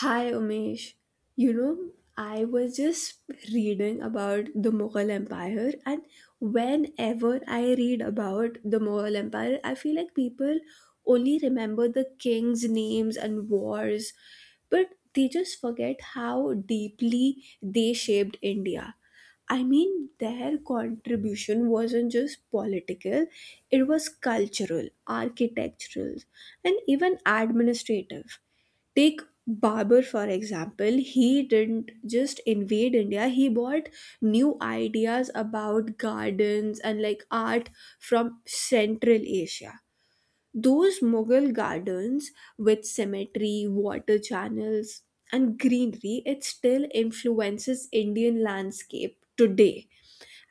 Hi Umesh. You know, I was just reading about the Mughal Empire, and whenever I read about the Mughal Empire, I feel like people only remember the kings' names and wars, but they just forget how deeply they shaped India. I mean, their contribution wasn't just political, it was cultural, architectural, and even administrative. Take Babur for example, he didn't just invade India, he bought new ideas about gardens and like art from Central Asia. Those Mughal gardens with cemetery, water channels, and greenery, it still influences Indian landscape today.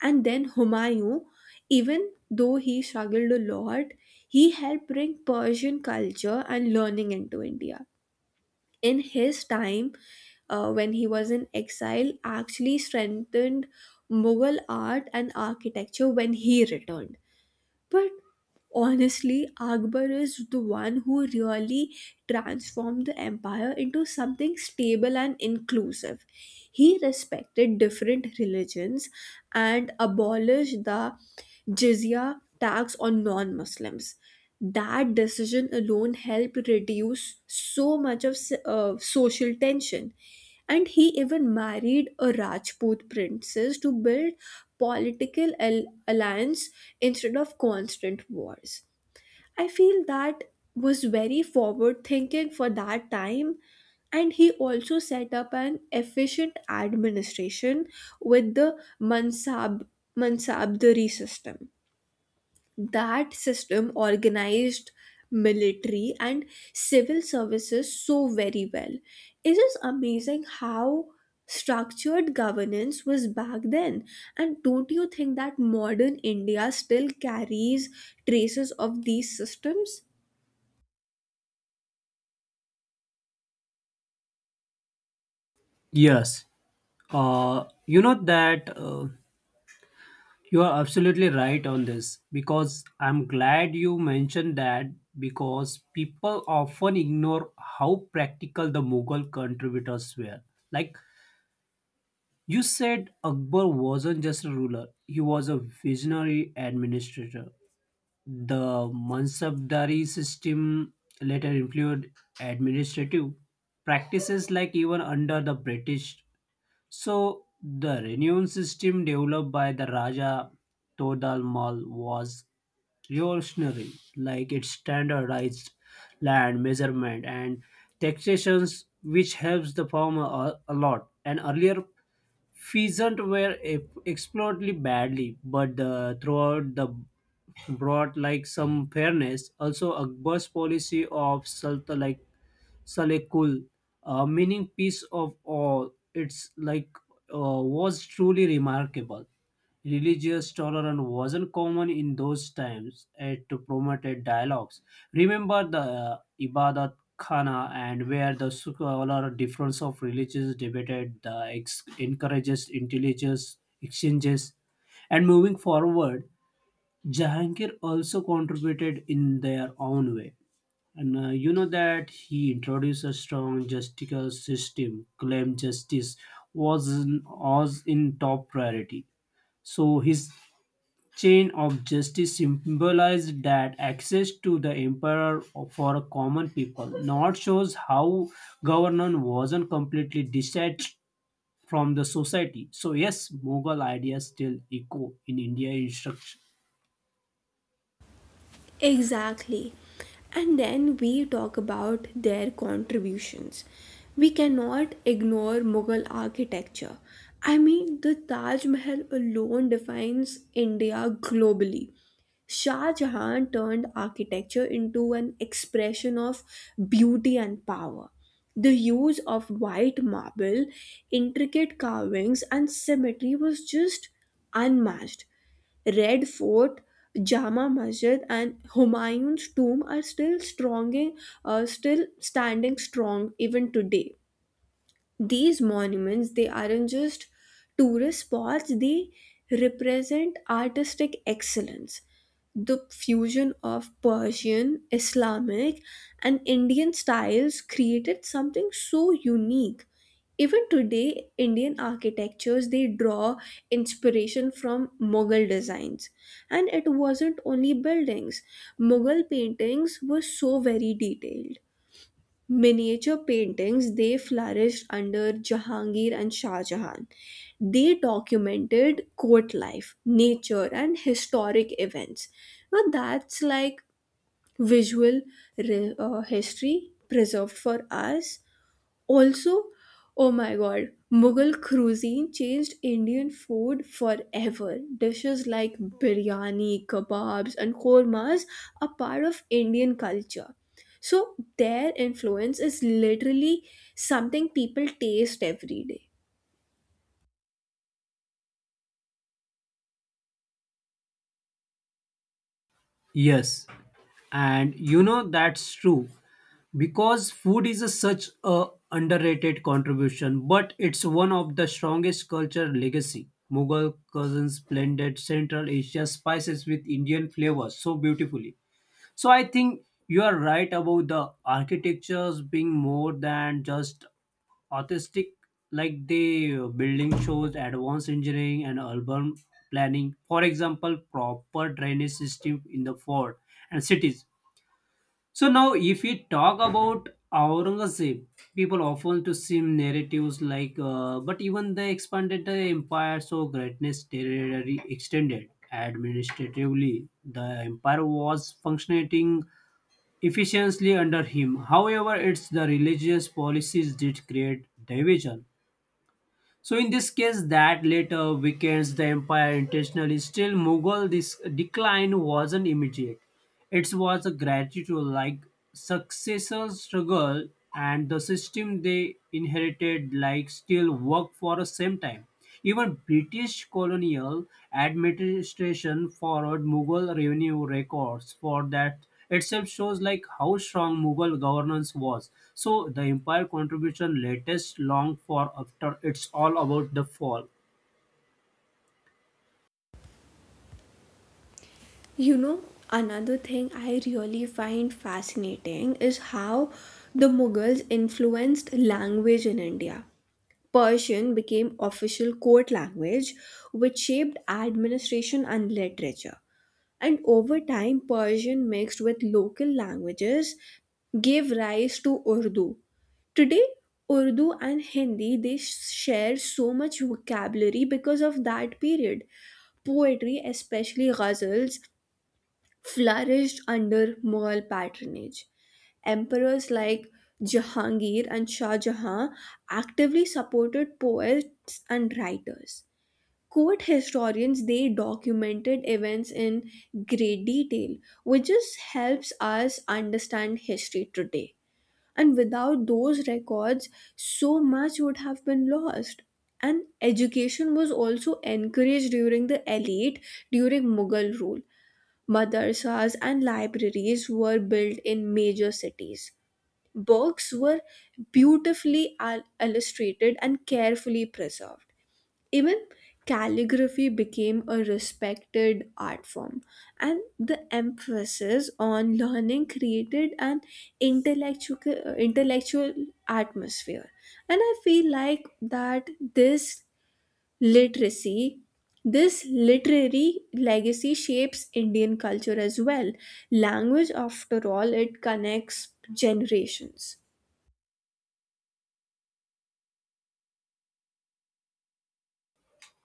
And then Humayun, even though he struggled a lot, he helped bring Persian culture and learning into India in his time when he was in exile actually strengthened Mughal art and architecture when he returned. But honestly, Akbar is the one who really transformed the empire into something stable and inclusive. He respected different religions and abolished the jizya tax on non Muslims. That decision alone helped reduce so much of social tension. And he even married a Rajput princess to build alliance instead of constant wars. I feel that was very forward thinking for that time and he also set up an efficient administration with the mansab mansabdari system. That system organized military and civil services so very well. It is amazing how structured governance was back then. And don't you think that modern India still carries traces of these systems? Yes, you know that you are absolutely right on this because I'm glad you mentioned that because people often ignore how practical the Mughal contributors were. Like you said, Akbar wasn't just a ruler, he was a visionary administrator. The Mansabdari system later included administrative practices like even under the British. So the renown system developed by the Raja Todal Mal was revolutionary, like it standardized land measurement and taxations, which helps the farmer a lot. And earlier, pheasant were exploited badly, but the, throughout the brought like some fairness. Also, Akbar's policy of sultan like Salekul, meaning peace of all. It's like was truly remarkable. Religious tolerance wasn't common in those times and to promoted dialogues. Remember the Ibadat Khana and where the scholar difference of religions debated the encourages intelligence exchanges and moving forward Jahangir also contributed in their own way and you know that he introduced a strong justical system, claimed justice was in top priority. So his chain of justice symbolized that access to the emperor for a common people. Not shows how governance wasn't completely detached from the society. So yes, Mughal ideas still echo in India instruction. Exactly. And then we talk about their contributions. We cannot ignore Mughal architecture. I mean, the Taj Mahal alone defines India globally. Shah Jahan turned architecture into an expression of beauty and power. The use of white marble, intricate carvings, and symmetry was just unmatched. Red Fort, Jama Masjid, and Humayun's tomb are still standing strong even today. These monuments, they aren't just tourist spots, they represent artistic excellence. The fusion of Persian, Islamic, and Indian styles created something so unique. Even today Indian architectures, they draw inspiration from Mughal designs. And it wasn't only buildings. Mughal paintings were so very detailed. Miniature paintings, they flourished under Jahangir and Shah Jahan. They documented court life, nature, and historic events. Now that's like visual history preserved for us. Also, oh my god, Mughal cuisine changed Indian food forever. Dishes like biryani, kebabs, and kormas are part of Indian culture. So, their influence is literally something people taste every day. Yes, and you know that's true because food is a, such a underrated contribution, but it's one of the strongest culture legacy Mughal cousins blended central Asia spices with Indian flavors so beautifully. So I think you are right about the architectures being more than just artistic, like the building shows advanced engineering and urban planning, for example proper drainage system in the fort and cities. So now, if we talk about Aurangzeb, people often to see narratives like, but even they expanded the empire, so greatness territory extended. Administratively, the empire was functioning efficiently under him. However, it's the religious policies did create division. So in this case, that later weekends the empire intentionally still Mughal. This decline wasn't immediate; it was a gradual, like successor struggle, and the system they inherited like still work for the same time. Even British colonial administration borrowed Mughal revenue records, for that itself shows like how strong Mughal governance was. So the empire contribution latest long for after it's all about the fall. You know, another thing I really find fascinating is how the Mughals influenced language in India. Persian became official court language, which shaped administration and literature. And over time, Persian mixed with local languages gave rise to Urdu. Today, Urdu and Hindi they share so much vocabulary because of that period. Poetry, especially ghazals, flourished under Mughal patronage. Emperors like Jahangir and Shah Jahan actively supported poets and writers. Court historians they documented events in great detail, which just helps us understand history today. And without those records, so much would have been lost. And education was also encouraged during the elite during Mughal rule. Madrasas and libraries were built in major cities. Books were beautifully illustrated and carefully preserved. Even calligraphy became a respected art form, and the emphasis on learning created an intellectual, intellectual atmosphere. And I feel like that this literacy this literary legacy shapes Indian culture as well. Language, after all, it connects generations.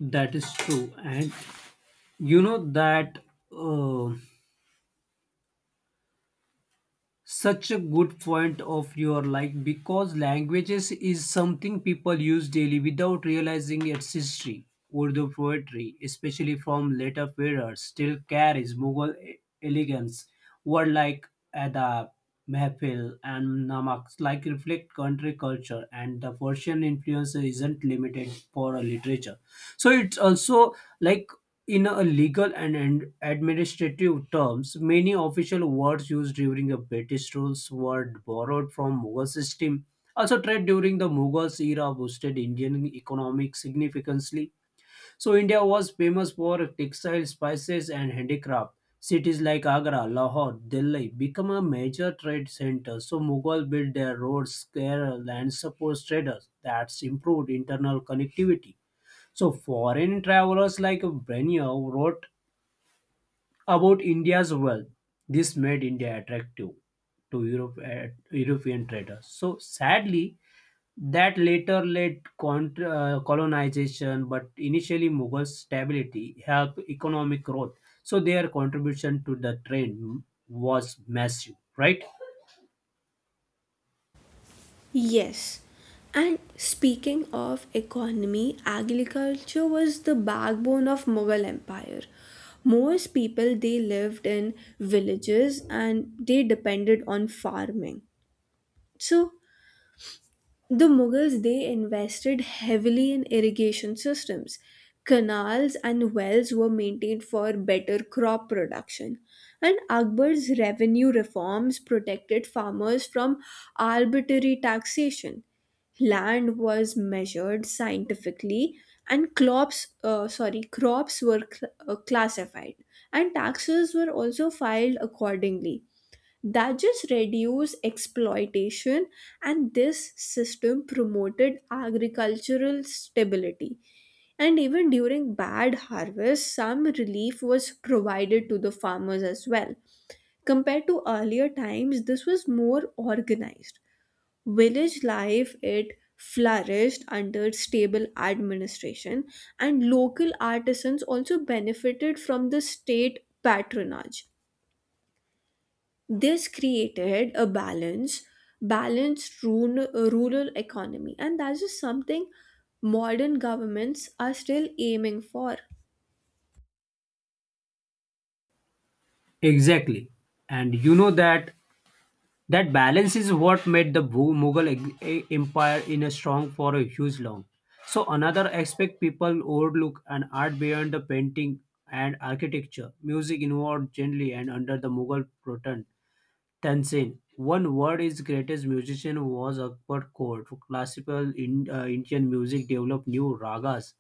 That is true. And you know that uh, such a good point of your like, because languages is something people use daily without realizing its history. Urdu poetry especially from later periods still carries Mughal elegance. Words like adab, mehfil and namaks like reflect country culture, and the Persian influence isn't limited for a literature. So it's also like in a legal and administrative terms, many official words used during the British rules were borrowed from Mughal system. Also, trade during the Mughals era boosted Indian economic significantly. So, India was famous for textile, spices, and handicraft. Cities like Agra, Lahore, Delhi become a major trade center. So, Mughal built their roads, square, and support traders. That's improved internal connectivity. So foreign travelers like Brenya wrote about India's wealth, this made India attractive to Europe, European traders. So sadly, that later led colonization, but initially Mughal stability helped economic growth. So their contribution to the trade was massive, right? Yes. And speaking of economy, agriculture was the backbone of Mughal Empire. Most people they lived in villages and they depended on farming. So the Mughals they invested heavily in irrigation systems. Canals and wells were maintained for better crop production. And Akbar's revenue reforms protected farmers from arbitrary taxation. Land was measured scientifically and crops were classified and taxes were also filed accordingly. That just reduce exploitation, and this system promoted agricultural stability. And even during bad harvest some relief was provided to the farmers as well. Compared to earlier times this was more organized. Village life, it flourished under stable administration, and local artisans also benefited from the state patronage. This created a balanced rural economy, and that's just something modern governments are still aiming for. Exactly. And you know that that balance is what made the Mughal Empire in a strong for a huge long. So another aspect people overlook and art beyond the painting and architecture, music involved generally and under the Mughal pattern Tanzin, one word his greatest musician was Akbar Kaur. Classical in, Indian music developed new ragas.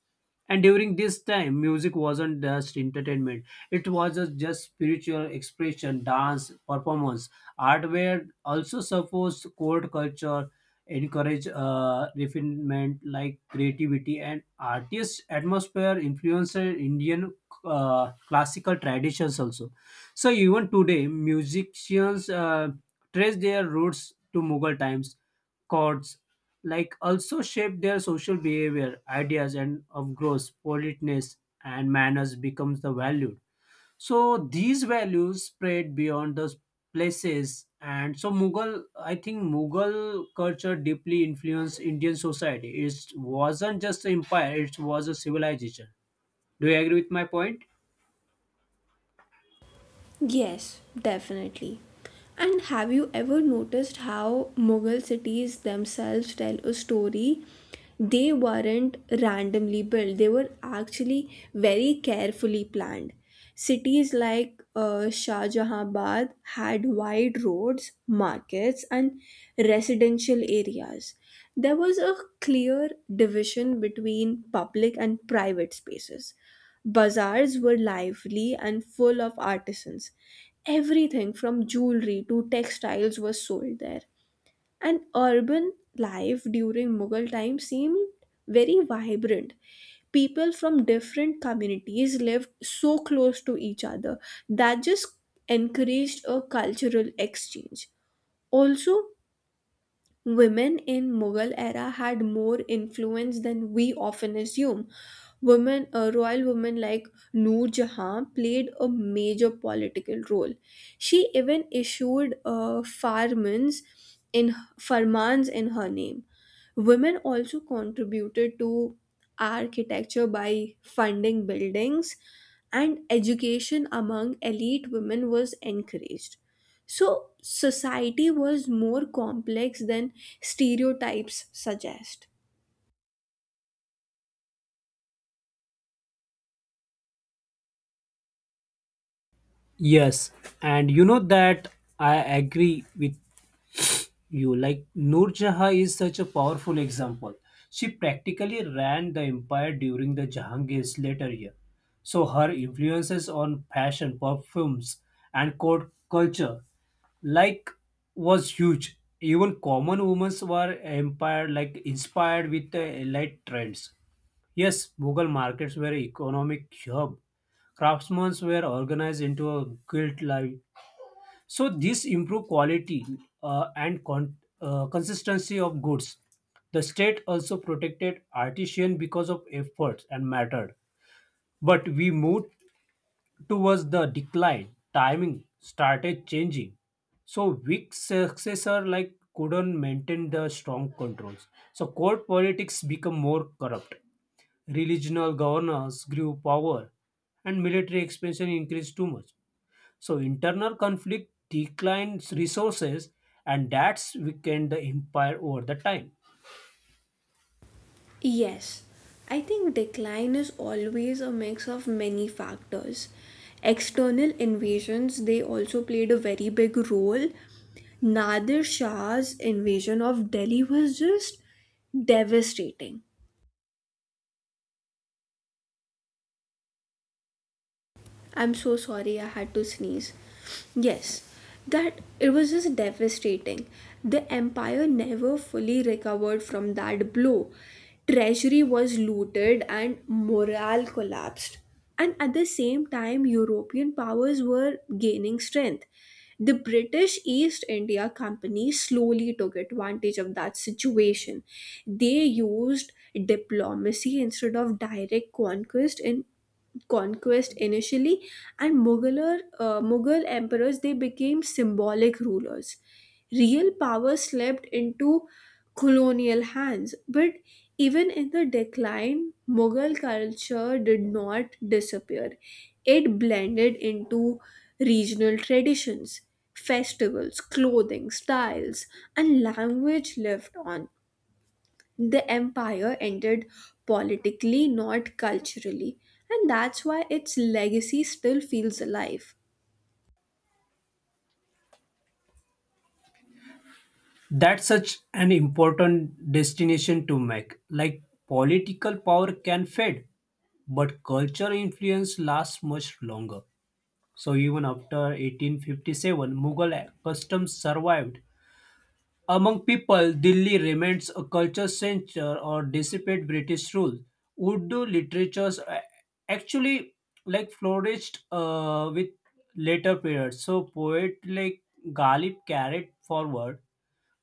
And during this time, music wasn't just entertainment. It was a just spiritual expression, dance, performance. Art were also supposed court culture, encourage refinement like creativity and artist atmosphere influenced Indian classical traditions also. So even today, musicians trace their roots to Mughal times. Chords like also shape their social behavior, ideas, and of course, politeness and manners becomes the value. So these values spread beyond those places, and so Mughal, I think Mughal culture deeply influenced Indian society. It wasn't just an empire; it was a civilization. Do you agree with my point? Yes, definitely. And have you ever noticed how Mughal cities themselves tell a story? They weren't randomly built, they were actually very carefully planned. Cities like Shah Jahanabad had wide roads, markets, and residential areas. There was a clear division between public and private spaces. Bazaars were lively and full of artisans. Everything from jewelry to textiles was sold there. And urban life during Mughal time seemed very vibrant. People from different communities lived so close to each other, that just encouraged a cultural exchange. Also, women in Mughal era had more influence than we often assume. A royal woman like Noor Jahan played a major political role. She even issued farmans in in her name. Women also contributed to architecture by funding buildings, and education among elite women was encouraged. So society was more complex than stereotypes suggest. Yes, and you know that I agree with you. Like Noor Jahan is such a powerful example. She practically ran the empire during the Jahangir's later year. So her influences on fashion, perfumes, and court culture like was huge. Even common women were empire like inspired with the elite trends. Yes, Mughal markets were economic hub, craftsmen were organized into a guild life. So this improve quality and consistency of goods. The state also protected artisan because of efforts and mattered. But we moved towards the decline. Timing started changing. So weak successor like couldn't maintain the strong controls. So court politics become more corrupt. Regional governors grew power and military expansion increased too much. So internal conflict declines resources, and that's weakened the empire over the time. Yes, I think decline is always a mix of many factors. External invasions, they also played a very big role. Nadir Shah's invasion of Delhi was just devastating. I'm so sorry I had to sneeze. Yes, that it was just devastating. The empire never fully recovered from that blow. Treasury was looted and morale collapsed. And at the same time, European powers were gaining strength. The British East India Company slowly took advantage of that situation. They used diplomacy instead of direct conquest in conquest initially, and Mughal emperors they became symbolic rulers. Real power slipped into colonial hands, but even in the decline, Mughal culture did not disappear. It blended into regional traditions, festivals, clothing, styles, and language lived on. The empire ended politically, not culturally, and that's why its legacy still feels alive. That's such an important destination to make. Like political power can fade, but cultural influence lasts much longer. So even after 1857, Mughal customs survived among people, Delhi remains a culture center or dissipate British rule. Urdu literatures actually like flourished with later periods. So poet like Ghalib carried forward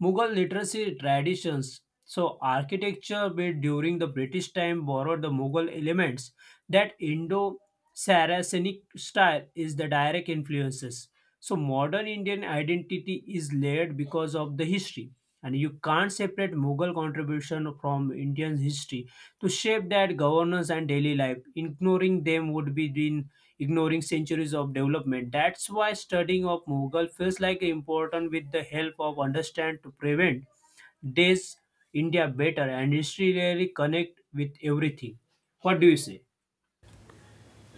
Mughal literacy traditions. So, architecture built during the British time borrowed the Mughal elements. That Indo Saracenic style is the direct influences. So, modern Indian identity is layered because of the history. And you can't separate Mughal contribution from Indian history to shape that governance and daily life. Ignoring them would be been ignoring centuries of development. That's why studying of Mughal feels like important with the help of understand to prevent this India better, and history really connect with everything. What do you say?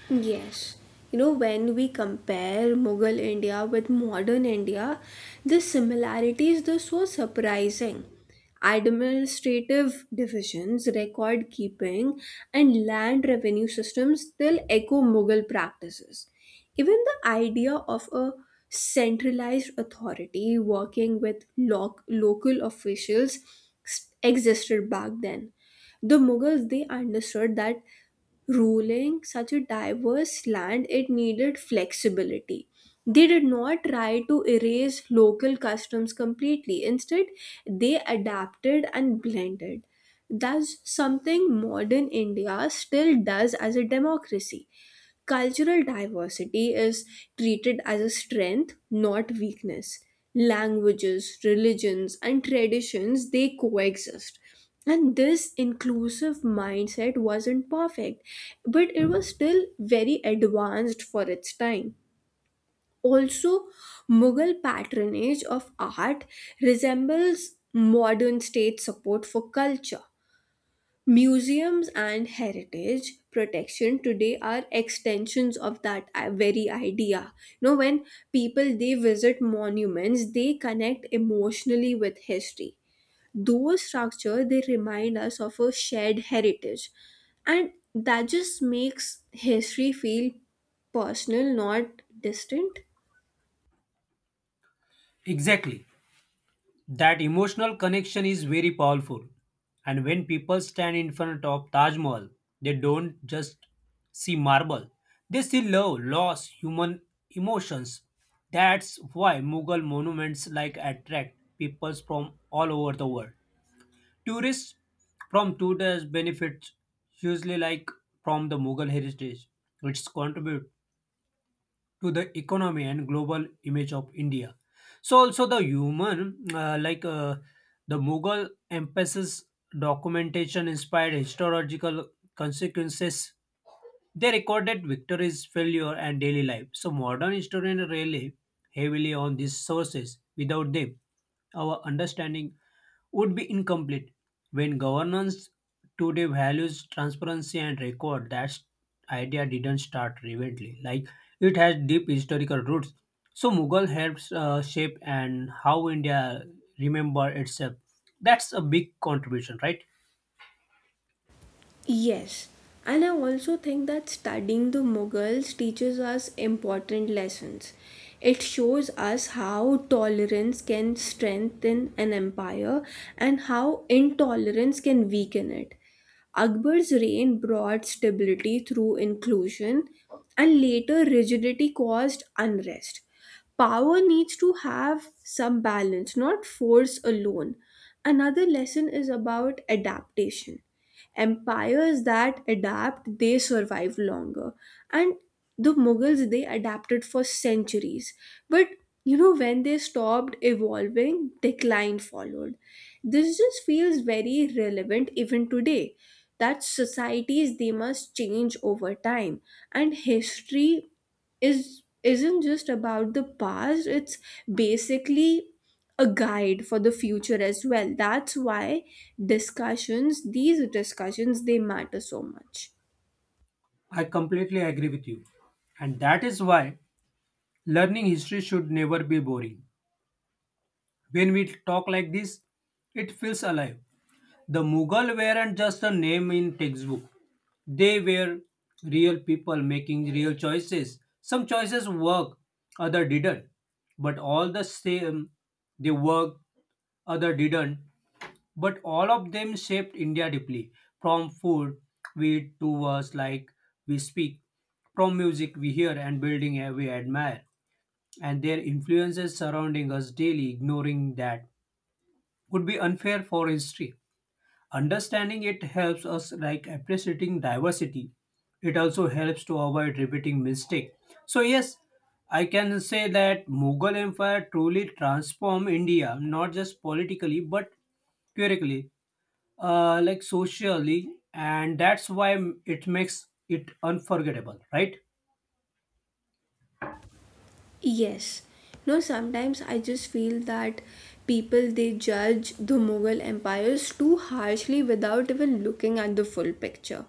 Yes. You know, when we compare Mughal India with modern India, the similarities are so surprising. Administrative divisions, record keeping, and land revenue systems still echo Mughal practices. Even the idea of a centralized authority working with local officials existed back then. The Mughals they understood that ruling such a diverse land it needed flexibility. They did not try to erase local customs completely. Instead, they adapted and blended. That's something modern India still does as a democracy. Cultural diversity is treated as a strength, not weakness. Languages, religions, and traditions they coexist. And this inclusive mindset wasn't perfect, but it was still very advanced for its time. Also, Mughal patronage of art resembles modern state support for culture. Museums and heritage protection today are extensions of that very idea. You know, when people they visit monuments, they connect emotionally with history. Those structures they remind us of a shared heritage, and that just makes history feel personal, not distant. Exactly. That emotional connection is very powerful. And when people stand in front of Taj Mahal, they don't just see marble, they see love, loss, human emotions. That's why Mughal monuments like attract people from all over the world. Tourists from Tudors benefit hugely like from the Mughal heritage, which contribute to the economy and global image of India. So also the human, the Mughal emphasis documentation inspired historical consequences. They recorded victories, failure, and daily life. So modern historians rely heavily on these sources. Without them, our understanding would be incomplete. When governance today values transparency and record, that idea didn't start recently. Like it has deep historical roots. So Mughal helps shape and how India remember itself. That's a big contribution, right? Yes, and I also think that studying the Mughals teaches us important lessons. It shows us how tolerance can strengthen an empire and how intolerance can weaken it. Akbar's reign brought stability through inclusion, and later rigidity caused unrest. Power needs to have some balance, not force alone. Another lesson is about adaptation. Empires that adapt they survive longer, and the Mughals they adapted for centuries. But you know when they stopped evolving decline followed. This just feels very relevant even today, that societies they must change over time. And history is isn't just about the past, it's basically a guide for the future as well. That's why these discussions, they matter so much. I completely agree with you. And that is why learning history should never be boring. When we talk like this, it feels alive. The Mughal weren't just a name in textbook. They were real people making real choices. Some choices worked, other didn't. But all the same, they worked, other didn't. But all of them shaped India deeply. From food we eat to us like we speak, from music we hear and building we admire, and their influences surrounding us daily, ignoring that would be unfair for history. Understanding it helps us like appreciating diversity. It also helps to avoid repeating mistake. So yes, I can say that Mughal Empire truly transformed India, not just politically but theoretically, like socially, and that's why it makes it unforgettable, right? Yes. No, sometimes I just feel that people they judge the Mughal empires too harshly without even looking at the full picture.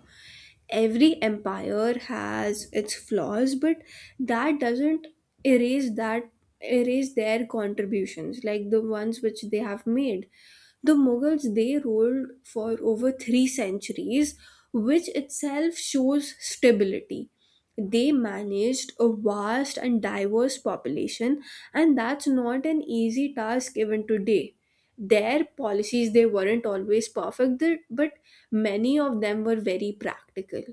Every empire has its flaws, but that doesn't erase that erase their contributions like the ones which they have made. The Mughals they ruled for over 3 centuries, which itself shows stability. They managed a vast and diverse population, and that's not an easy task even today. Their policies they weren't always perfect, but many of them were very practical.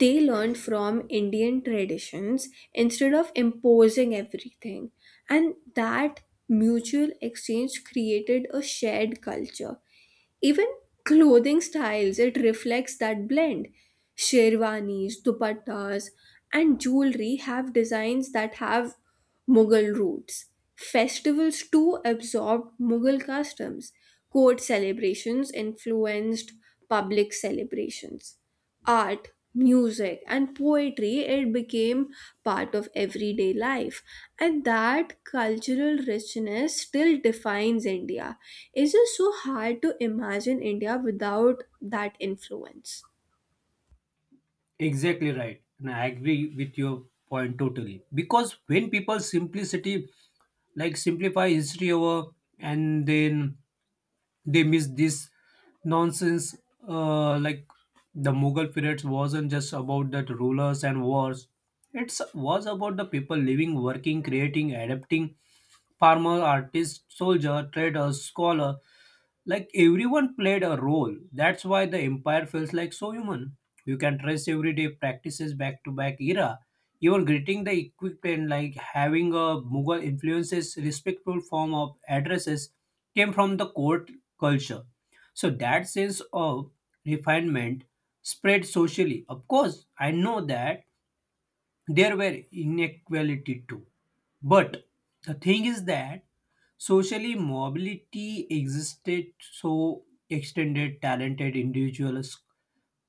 They learned from Indian traditions instead of imposing everything, and that mutual exchange created a shared culture. Even clothing styles, it reflects that blend. Sherwanis, dupattas, and jewelry have designs that have Mughal roots. Festivals too absorbed Mughal customs. Court celebrations influenced public celebrations. Art, music, and poetry, it became part of everyday life. And that cultural richness still defines India. It's just so hard to imagine India without that influence. Exactly right, and I agree with your point totally. Because when people simplicity, like simplify history over, and then they miss this nonsense like the Mughal period wasn't just about that rulers and wars, it was about the people living, working, creating, adapting, farmer, artist, soldier, trader, scholar, like everyone played a role. That's why the empire feels like so human. You can trace everyday practices back to back era. Even greeting the equipment, like having a Mughal influences, respectful form of addresses, came from the court culture. So that sense of refinement spread socially. Of course, I know that there were inequality too. But the thing is that socially mobility existed, so extended talented individuals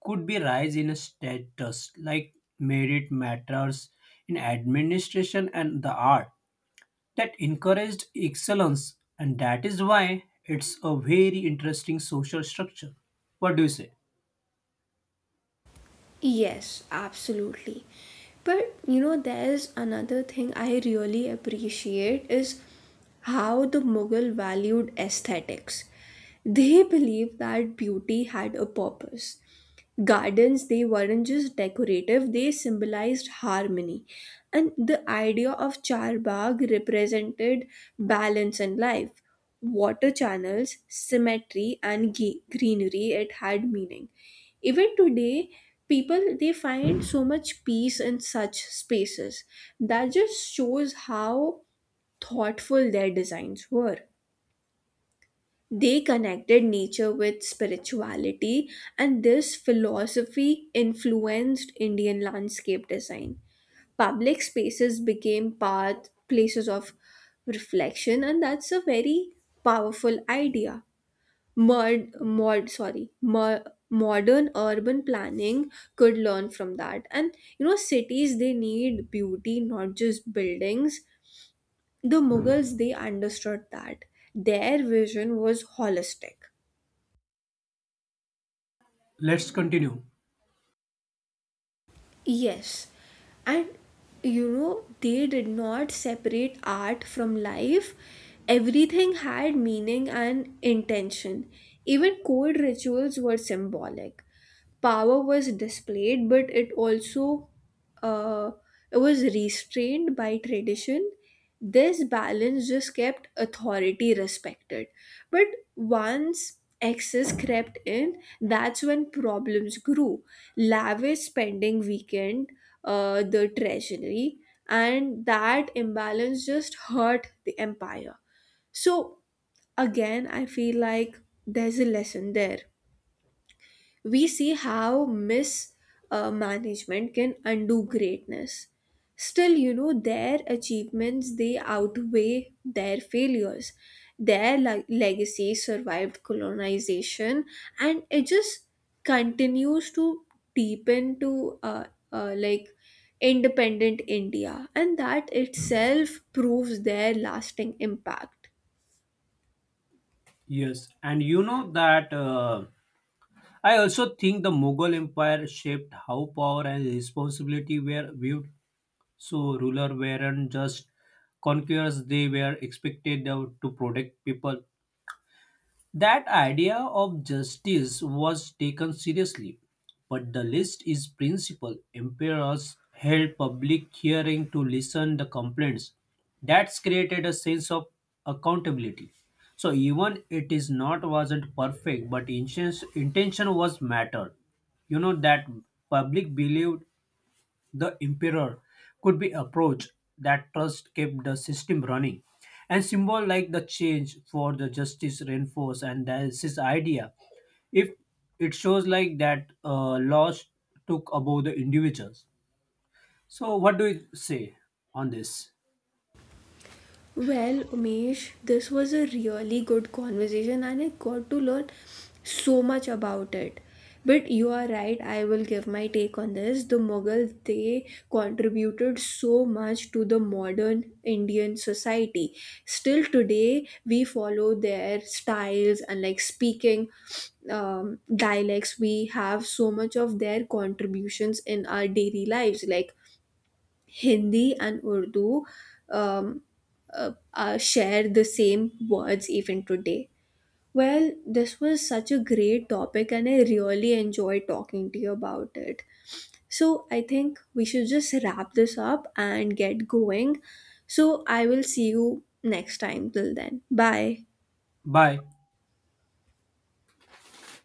could be rise in a status like merit matters in administration and the art, that encouraged excellence, and that is why it's a very interesting social structure. What do you say? Yes, absolutely. But you know, there's another thing I really appreciate is how the Mughal valued aesthetics. They believed that beauty had a purpose. Gardens, they weren't just decorative, they symbolized harmony. And the idea of charbagh represented balance in life. Water channels, symmetry, and greenery, it had meaning. Even today people they find so much peace in such spaces. That just shows how thoughtful their designs were. They connected nature with spirituality, and this philosophy influenced Indian landscape design. Public spaces became path places of reflection, and that's a very powerful idea. mod, mod sorry mo- Modern urban planning could learn from that. And you know cities they need beauty, not just buildings. The Mughals they understood that. Their vision was holistic. Let's continue. Yes, and you know, they did not separate art from life. Everything had meaning and intention. Even cold rituals were symbolic. Power was displayed, but it also uh, it was restrained by tradition. This balance just kept authority respected. But once excess crept in, that's when problems grew. Lavish spending weakened the treasury, and that imbalance just hurt the empire. So, again, I feel like there's a lesson there. We see how mismanagement can undo greatness. Still, you know, their achievements they outweigh their failures. Their legacy survived colonization, and it just continues to deepen to uh, like independent India, and that itself proves their lasting impact. Yes, and you know that I also think the Mughal Empire shaped how power and responsibility were viewed, so rulers weren't just conquerors, they were expected to protect people, that idea of justice was taken seriously, but the list is principal. Emperors held public hearing to listen the complaints. That's created a sense of accountability. So even it is not wasn't perfect, but intention was mattered. You know that public believed the emperor could be approached, that trust kept the system running, and symbol like the change for the justice reinforce and that's his idea. If it shows like that laws took above the individuals, so what do you say on this? Well, Umesh, this was a really good conversation and I got to learn so much about it. But you are right, I will give my take on this. The Mughals, they contributed so much to the modern Indian society. Still today, we follow their styles and like speaking dialects. We have so much of their contributions in our daily lives. Like Hindi and Urdu um, share the same words even today. Well, this was such a great topic, and I really enjoyed talking to you about it. So, I think we should just wrap this up and get going. So, I will see you next time. Till then, bye. Bye.